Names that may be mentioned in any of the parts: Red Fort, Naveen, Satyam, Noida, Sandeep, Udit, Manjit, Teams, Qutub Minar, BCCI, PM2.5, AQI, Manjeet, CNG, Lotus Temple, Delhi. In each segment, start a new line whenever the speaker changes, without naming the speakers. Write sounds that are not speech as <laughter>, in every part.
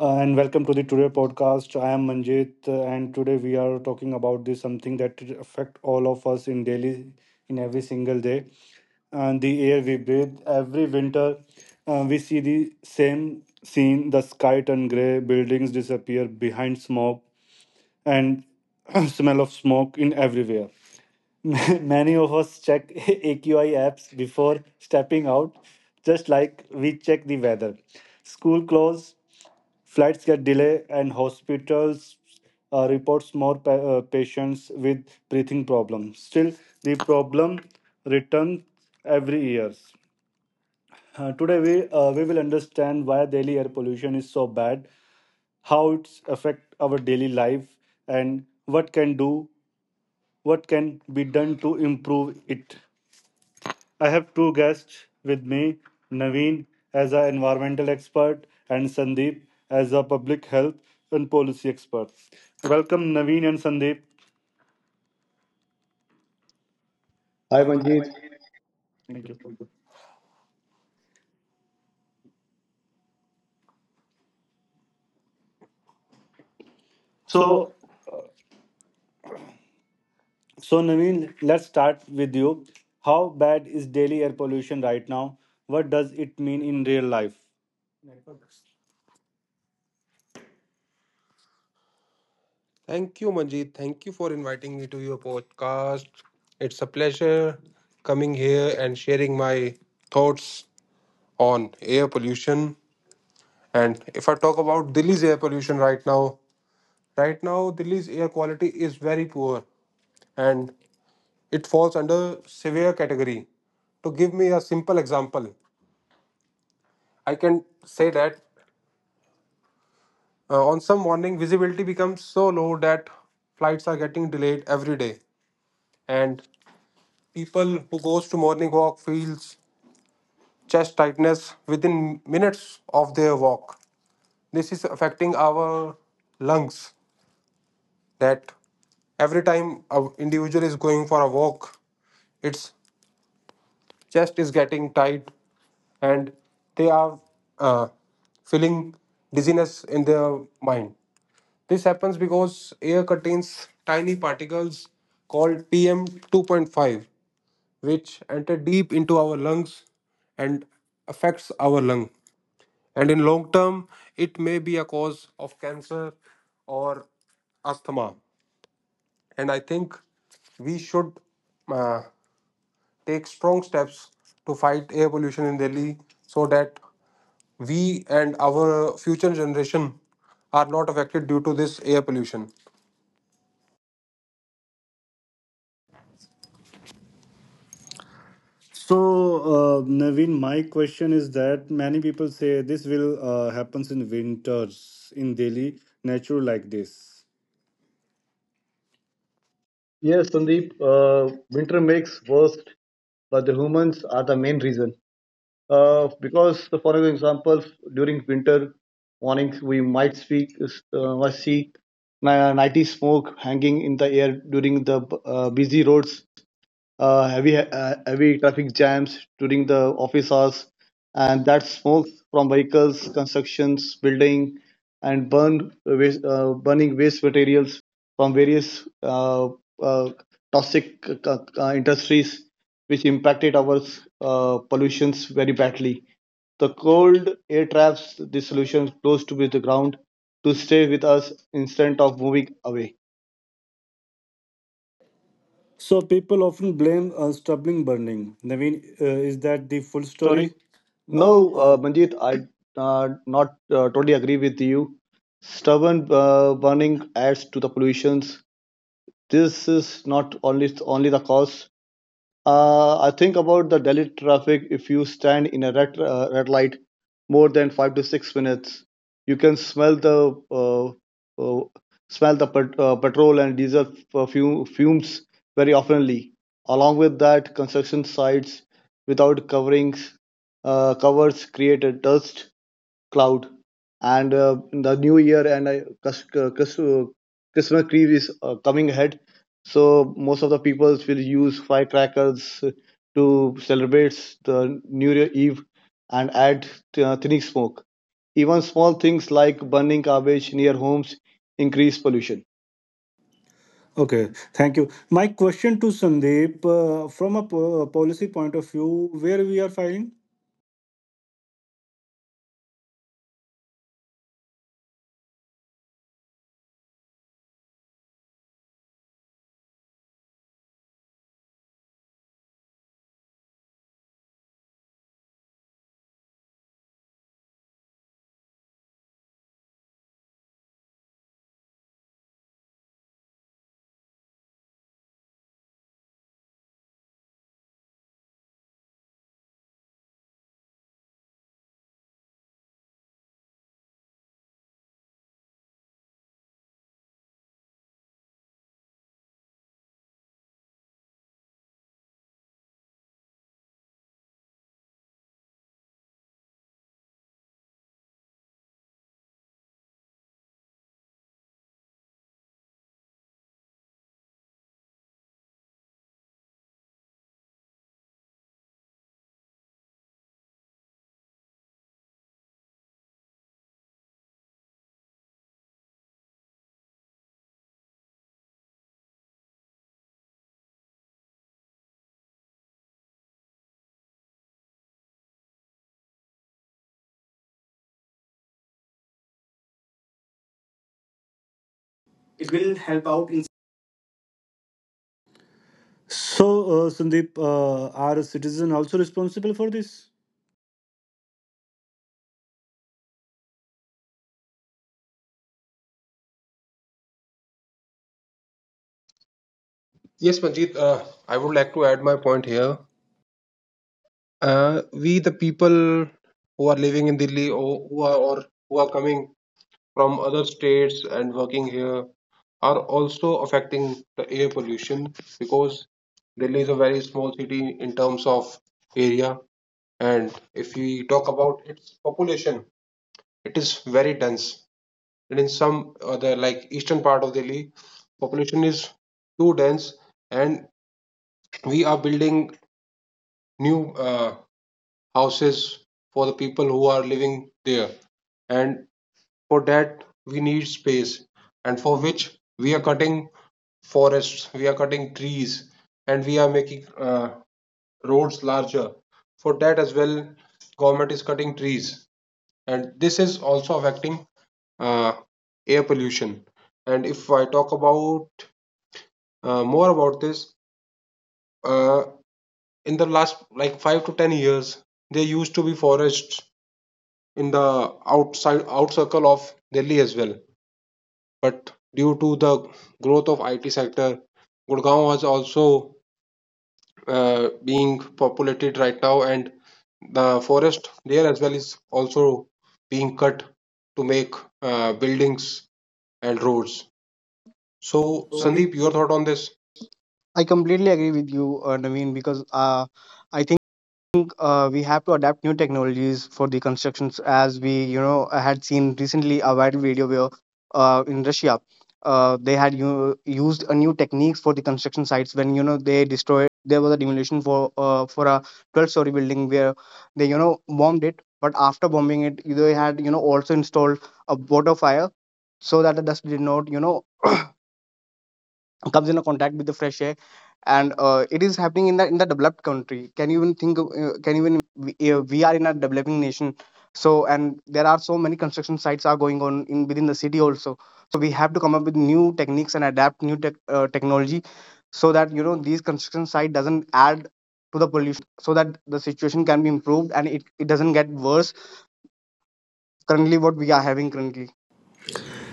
and welcome to the Today Podcast. I am Manjit, and today we are talking about this something that affect all of us in daily, in every single day, and the air we breathe. Every winter, we see the same scene: the sky turn gray, buildings disappear behind smoke, and <clears throat> smell of smoke in everywhere. <laughs> Many of us check <laughs> AQI apps before stepping out, just like we check the weather. School close, flights get delayed, and hospitals reports more patients with breathing problems. Still, the problem returns every year. Today, we will understand why Delhi air pollution is so bad, how it's affect our daily life and what can do what can be done to improve it. I have two guests with me, Naveen as an environmental expert and Sandeep as a public health and policy expert. Welcome Naveen and Sandeep.
Hi Manjeet.
Thank you.
So
So so Naveen, let's start with you. How bad is daily air pollution right now? What does it mean in real life? Thank you, Manjeet. Thank you for inviting me to your podcast. It's a pleasure coming here and sharing my thoughts on air pollution. And if I talk about Delhi's air pollution right now, right now Delhi's air quality is very poor and it falls under severe category. To give me a simple example, I can say that on some morning visibility becomes so low that flights are getting delayed every day and people who goes to morning walk feels chest tightness within minutes of their walk. This is affecting our lungs that every time an individual is going for a walk, it's chest is getting tight and they are uh, feeling dizziness in their mind. This happens because air contains tiny particles called PM2.5, which enter deep into our lungs and affects our lung. And in long term, it may be a cause of cancer or asthma. And I think we should. Uh, Take strong steps to fight air pollution in Delhi so that we and our future generation are not affected due to this air pollution. So, Naveen, my question is that many people say this will happens in winters in Delhi, natural like this.
yes, Sandeep, winter makes worst, but the humans are the main reason. Because for example, during winter mornings we might speak, must see nighty smoke hanging in the air during the busy roads, heavy heavy traffic jams during the office hours, and that smoke from vehicles, constructions, building, and burn waste, burning waste materials from various uh, toxic industries, which impacted our pollutions very badly. The cold air traps this solution close to the ground to stay with us instead of moving away.
So people often blame stubbling burning. Naveen, is that the full story?
Sorry.
No,
No, Manjit, I not totally agree with you. Stubborn burning adds to the pollutions. This is not only the cause. I think about the Delhi traffic. If you stand in a red light more than 5 to 6 minutes, you can uh, smell the petrol and diesel perfume, fumes very oftenly. Along with that, construction sites without coverings covers create a dust cloud and the new year and I, Christmas tree is coming ahead. So most of the people will use firecrackers to celebrate the New Year Eve and add thinning smoke. Even small things like burning garbage near homes increase pollution.
okay, thank you. My question to Sandeep, from a policy point of view, where we are filing? It will help out in. So, Sandeep, are citizens also responsible for this? Yes,
Yes,
Manjeet,
Manjeet, I
I would
would like
like
to
to
add
add my
my
point
point
here.
here. We, the people who are living in Delhi or who are coming from other states and working here are also affecting the air pollution because Delhi is a very small city in terms of area. And if we talk about its population, it is very dense. And in some other, like eastern part of Delhi, population is too dense, and we are building new houses for the people who are living there. And for that we need space, and for which we are cutting forests, we are cutting trees, and we are making roads larger. For that as well, government is cutting trees, and this is also affecting uh, air pollution. And if I talk about more about this, uh, in the last like 5 to 10 years, there used to be forests in the outside out circle of Delhi as well, but due to the growth of IT sector, Gurgaon has also being populated right now, and the forest there as well is also being cut to make buildings and roads.
So,
So,
Sandeep.
So,
Sandeep, your
Sandeep,
thought on this?
I completely agree with you, Naveen, because I think we have to adapt new technologies for the constructions. As we, I had seen recently a viral video where in Russia they had you used a new techniques for the construction sites when they destroyed. There was a demolition for for a 12-story building where they, bombed it. But after bombing it, they had, also installed a water fire so that the dust did not, comes in a contact with the fresh air, and it is happening in the developed country. Can you even think of, can you even we are in a developing nation, so and there are so many construction sites are going on in within the city. Also we have to come up with new techniques and adapt new technology so that these construction site doesn't add to the pollution, so that the situation can be improved and it doesn't get worse currently what we are having currently.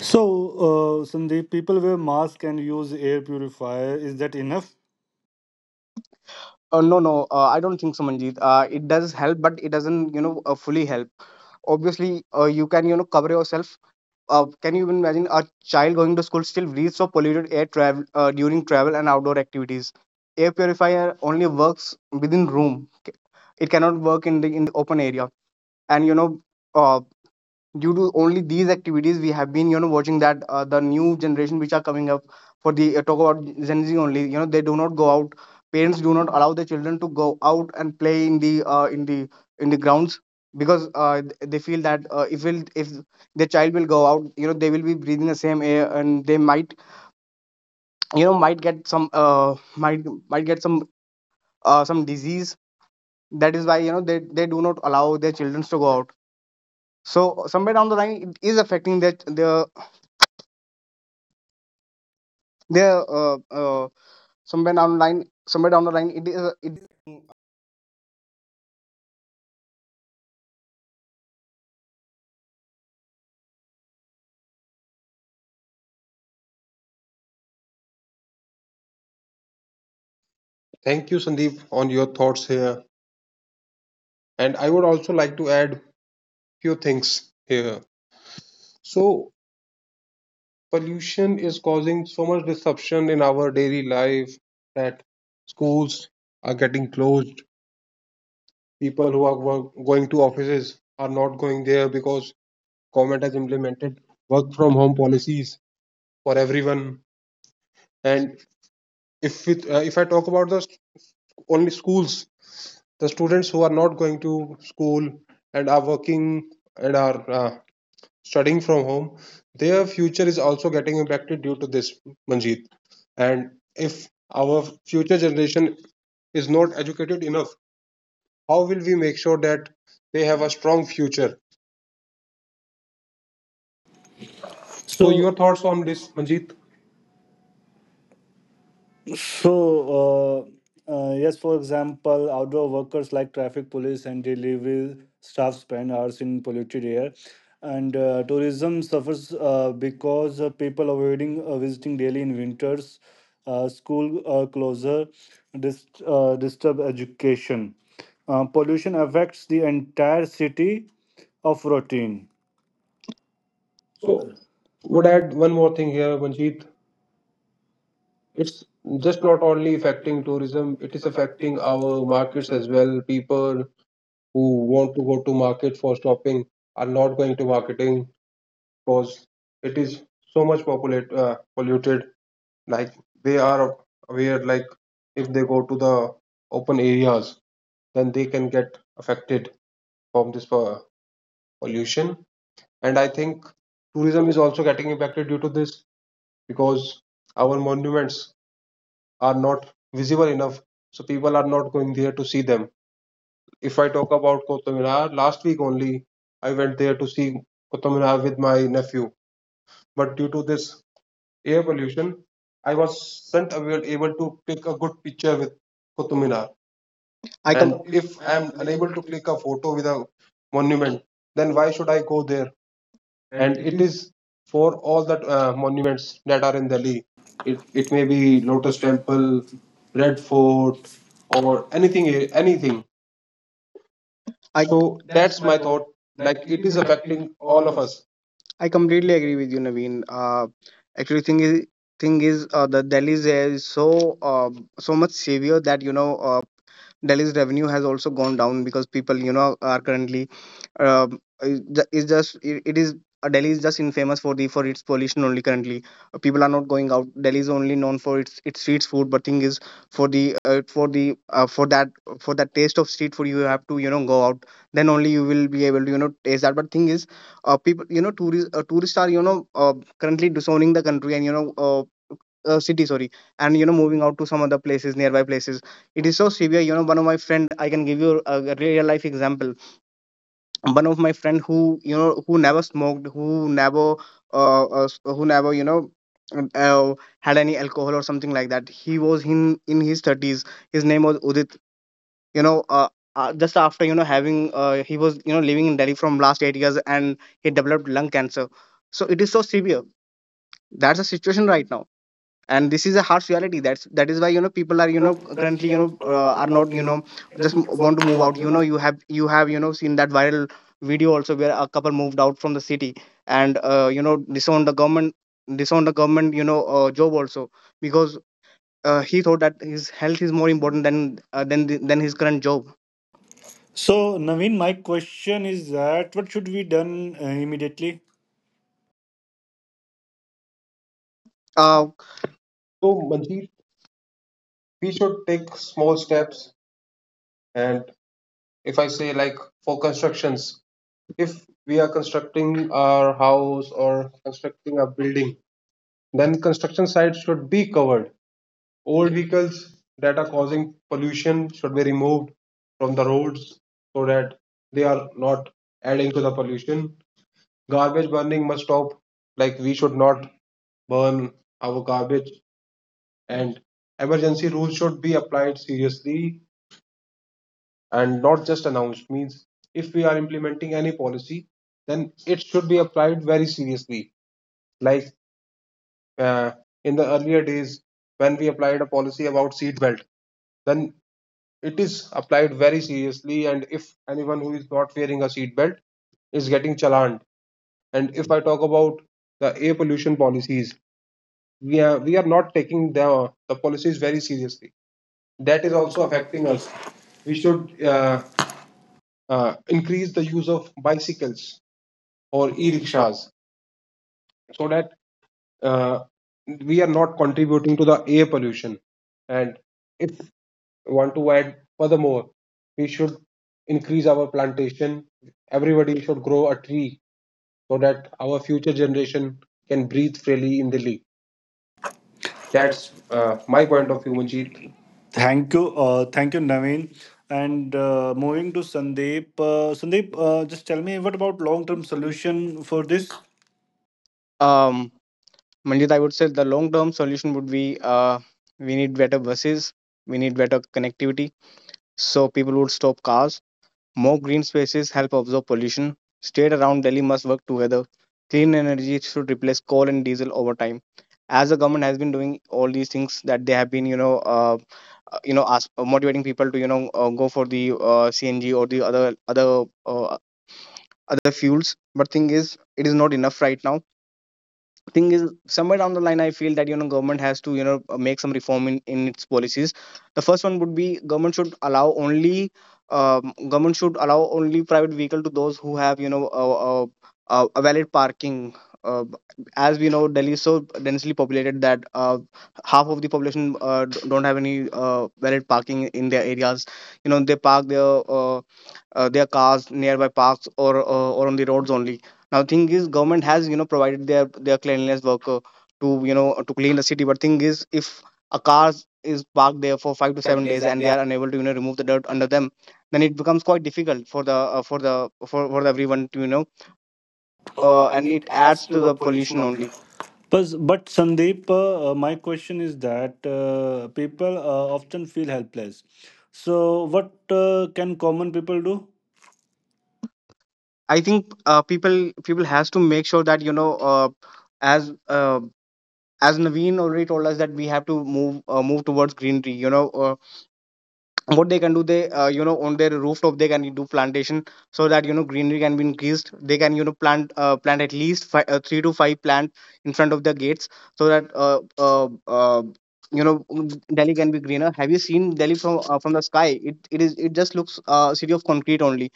So, Sandeep, people wear mask and use air purifier. Is that enough?
No, no, I don't think so, Manjeet. It does help, but it doesn't, fully help. Obviously, you can, cover yourself. Can you even imagine a child going to school still breathes of polluted air travel during travel and outdoor activities? Air purifier only works within room. It cannot work in the open area. And uh, due to only these activities we have been, watching that the new generation which are coming up for the talk about Gen Z only, they do not go out, parents do not allow their children to go out and play in the in the grounds because they feel that if will if their child will go out, they will be breathing the same air and they might, might get some might get some disease. That is why, they do not allow their children to go out, so somewhere down the line it is affecting their there somewhere down the line somewhere down the line it is it
Thank you, Sandeep, on your thoughts here. And I would also like to add few things here. So, pollution is causing so much disruption in our daily life that schools are getting closed, people who are going to offices are not going there because government has implemented work from home policies for everyone. And if it, if I talk about the only schools, the students who are not going to school and are working and are studying from home, their future is also getting impacted due to this, Manjeet. And if our future generation is not educated enough, how will we make sure that they have a strong future? So,
So,
your
your thoughts
thoughts
on
on
this,
this,
Manjeet?
Manjeet?
So, yes, for example, outdoor workers like traffic police and delivery staff spend hours in polluted air, and tourism suffers because people avoiding visiting daily in winters, school closure, disturb education. Pollution affects the entire city of routine.
So, would add one more thing here, Manjeet. It's just not only affecting tourism, it is affecting our markets as well. People who want to go to market for shopping are not going to marketing because it is so much polluted. Like they are aware, like if they go to the open areas, then they can get affected from this pollution. And I think tourism is also getting impacted due to this because our monuments are not visible enough, so people are not going there to see them. If I talk about Qutub Minar, last week only I went there to see Qutub Minar with my nephew, but due to this air pollution, I wasn't able to click a good picture with Qutub Minar.
I com-
And if I am unable to click a photo with a monument, then why should I go there? And it is for all the monuments that are in Delhi.
It,
It
it
it may
may
be
be
Lotus
Lotus Temple,
Temple, Red
Red Fort,
Fort,
or
or
anything. Anything.
anything.
I
So that's my thought. Like it is affecting all of us.
I completely agree with you, Naveen. Actually, thing is, the Delhi's air is so so much severe that, Delhi's revenue has also gone down because people, are currently um, it's it is Delhi is just infamous for the for its pollution only currently. People are not going out. Delhi is only known for its street food, but thing is for the for that taste of street food, you have to, go out. Then only you will be able to, taste that. But thing is, people, tourists, tourists are, currently disowning the country and city, sorry, and, moving out to some other places, nearby places. It is so severe, one of my friend, I can give you a real life example. One of my friend who, who never smoked, who never who never, um, uh, had any alcohol or something like that, he was in his 30s, his name was Udit, you know uh, just after, having he was, living in Delhi from last 8 years and he developed lung cancer. So it is so severe, that's the situation right now, and this is a harsh reality. That's that is why, people are,
Know, currently,
currently, are
I'm not,
not,
just
just want
want
to
to
move out.
walk, you know.
You have, you have, seen that viral video also where a couple moved out from the city and, disowned the government, disowned the government, job also, because he thought that his health is more important than the, than his current job.
So, Naveen, my question is that what should be done immediately?
uh
So Manjeet, we should take small steps. And if I say like for constructions, if we are constructing our house or constructing a building, then construction site should be covered. Old vehicles that are causing pollution should be removed from the roads so that they are not adding to the pollution. Garbage burning must stop. Like we should not burn our garbage and emergency rules should be applied seriously and not just announced. Means if we are implementing any policy, then it should be applied very seriously. Like uh, in the earlier days when we applied a policy about seat belt, then it is applied very seriously and if anyone who is not wearing a seat belt is getting challaned. And if I talk about the air pollution policies, we are not taking the policies very seriously, that is
It's
also
also
affecting
affecting us.
us. We
We
should
should
increase the use of bicycles or
eat rickshaw.
e-rickshaws so that uh, we are not contributing to the air pollution. And if want to add furthermore, we should increase our plantation, everybody should grow a tree so that our future generation can breathe freely in Delhi. That's
That's
my
my
point
point
of
of
view,
view,
Manjeet.
Vijay. Thank you, Naveen. And moving to Sandeep, Sandeep, just tell me what about
Some
long-term
solution
solution for
for this?
this?
um Manjit, I would say the long term solution would be, we need better buses, we need better connectivity, so people would stop cars. More green spaces help absorb pollution. State around Delhi must work together. Clean energy should replace coal and diesel over time. As the government has been doing all these things, that they have been, motivating people to, go for the CNG or the other fuels. But thing is, it is not enough right now. Thing is somewhere down the line, I feel that, government has to, make some reform in its policies. The first one would be, government should allow only private vehicle to those who have, a valid parking. uh, as we know, Delhi is so densely populated that half of the population don't have any valid parking in their areas, they park uh their cars nearby parks or on the roads only. Now, thing is, government has, provided their cleanliness worker to, to clean the city. But thing is, if a car is parked there for five to
seven
seven
days
days
and
and they
they
are unable to, remove the dirt under them, then it becomes quite difficult for the for the for everyone to,
and
and
it
it
adds
adds
to
to
the
the
pollution
pollution
only.
only.
But Sandeep, my question is that people often feel helpless. So, what can common people do?
I think people has to make sure that, as uh, as Naveen already told us, that we have to move move towards greenery. What they can do, they on their rooftop they can do plantation so that, greenery can be increased. They can, plant plant at least 3 to 5 plant in front of the gates so that Delhi can be greener. Have you seen Delhi from the sky? It is, it just looks a city of concrete only.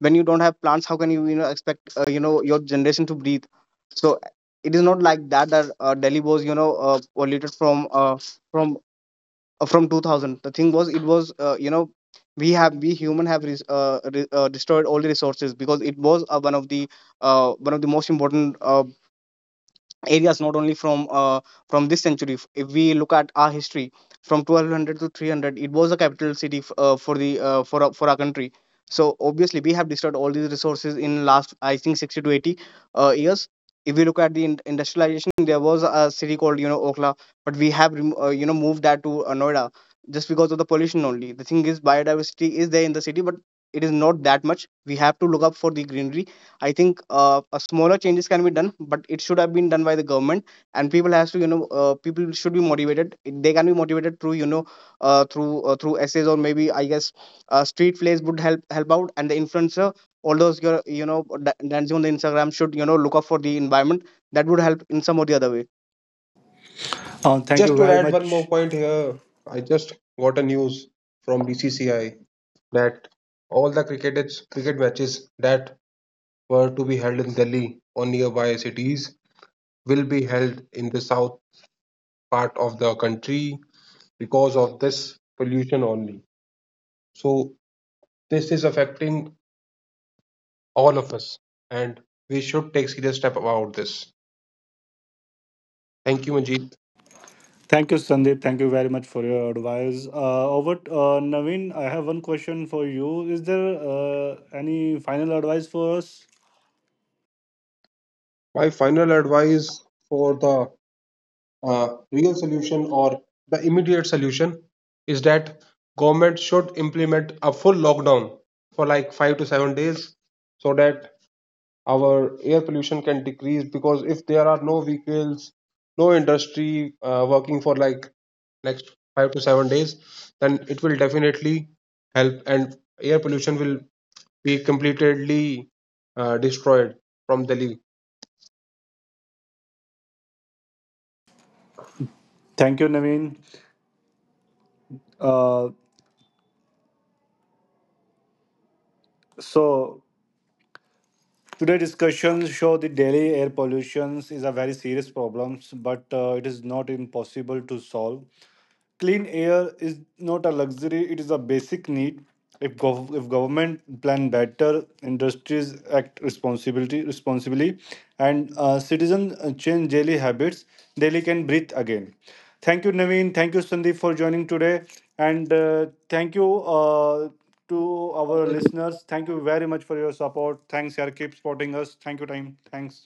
When you don't have plants, how can you, you know expect, your generation to breathe? So it is not like that that Delhi was, polluted from from from 2000. The thing was it was we have, we human have destroyed all the resources because it was one of the most important areas, not only from this century. If we look at our history from 1200 to 300, it was a capital city for the for our country. So obviously we have destroyed all these resources in last, I think, 60 to 80 years. If we look at the industrialization, there was a city called, Okla, but we have moved that to Noida, just because of the pollution only. The thing is, biodiversity is there in the city, but it is not that much. We have to look up for the greenery. I think a smaller changes can be done, but it should have been done by the government, and people has to, people should be motivated. They can be motivated through, through through essays, or maybe I guess street plays would help out, and the influencer all those your, dancing on the Instagram should, look up for the environment. That would help in some or the other way.
Thank
Just
you
to
very
add one more
much.
point here, I just got a news from BCCI that all the cricket matches that were to be held in Delhi or nearby cities will be held in the south part of the country because of this pollution only. So this is affecting all of us, and we should take serious step about this. Thank you, Majid.
Thank you, Sandeep. Thank you very much for your advice. Over, Naveen, I have one question for you. Is there any final advice for us?
My final advice for the real solution or the immediate solution is that government should implement a full lockdown for like 5 to 7 days, so that our air pollution can decrease. Because if there are no vehicles, no industry working for like next 5 to 7 days, then it will definitely help and air pollution will be completely destroyed from Delhi.
Thank you, Naveen. Uh, so, today's discussions show the daily air pollution is a very serious problem, but it is not impossible to solve. Clean air is not a luxury, it is a basic need. If, if government plan better, industries act responsibility responsibly, and citizens change daily habits, Delhi can breathe again. Thank you, Naveen. Thank you, Sandeep, for joining today. And thank you to our listeners. Thank you very much for your support. Thanks, yaar. Keep supporting us. Thank you, time. Thanks.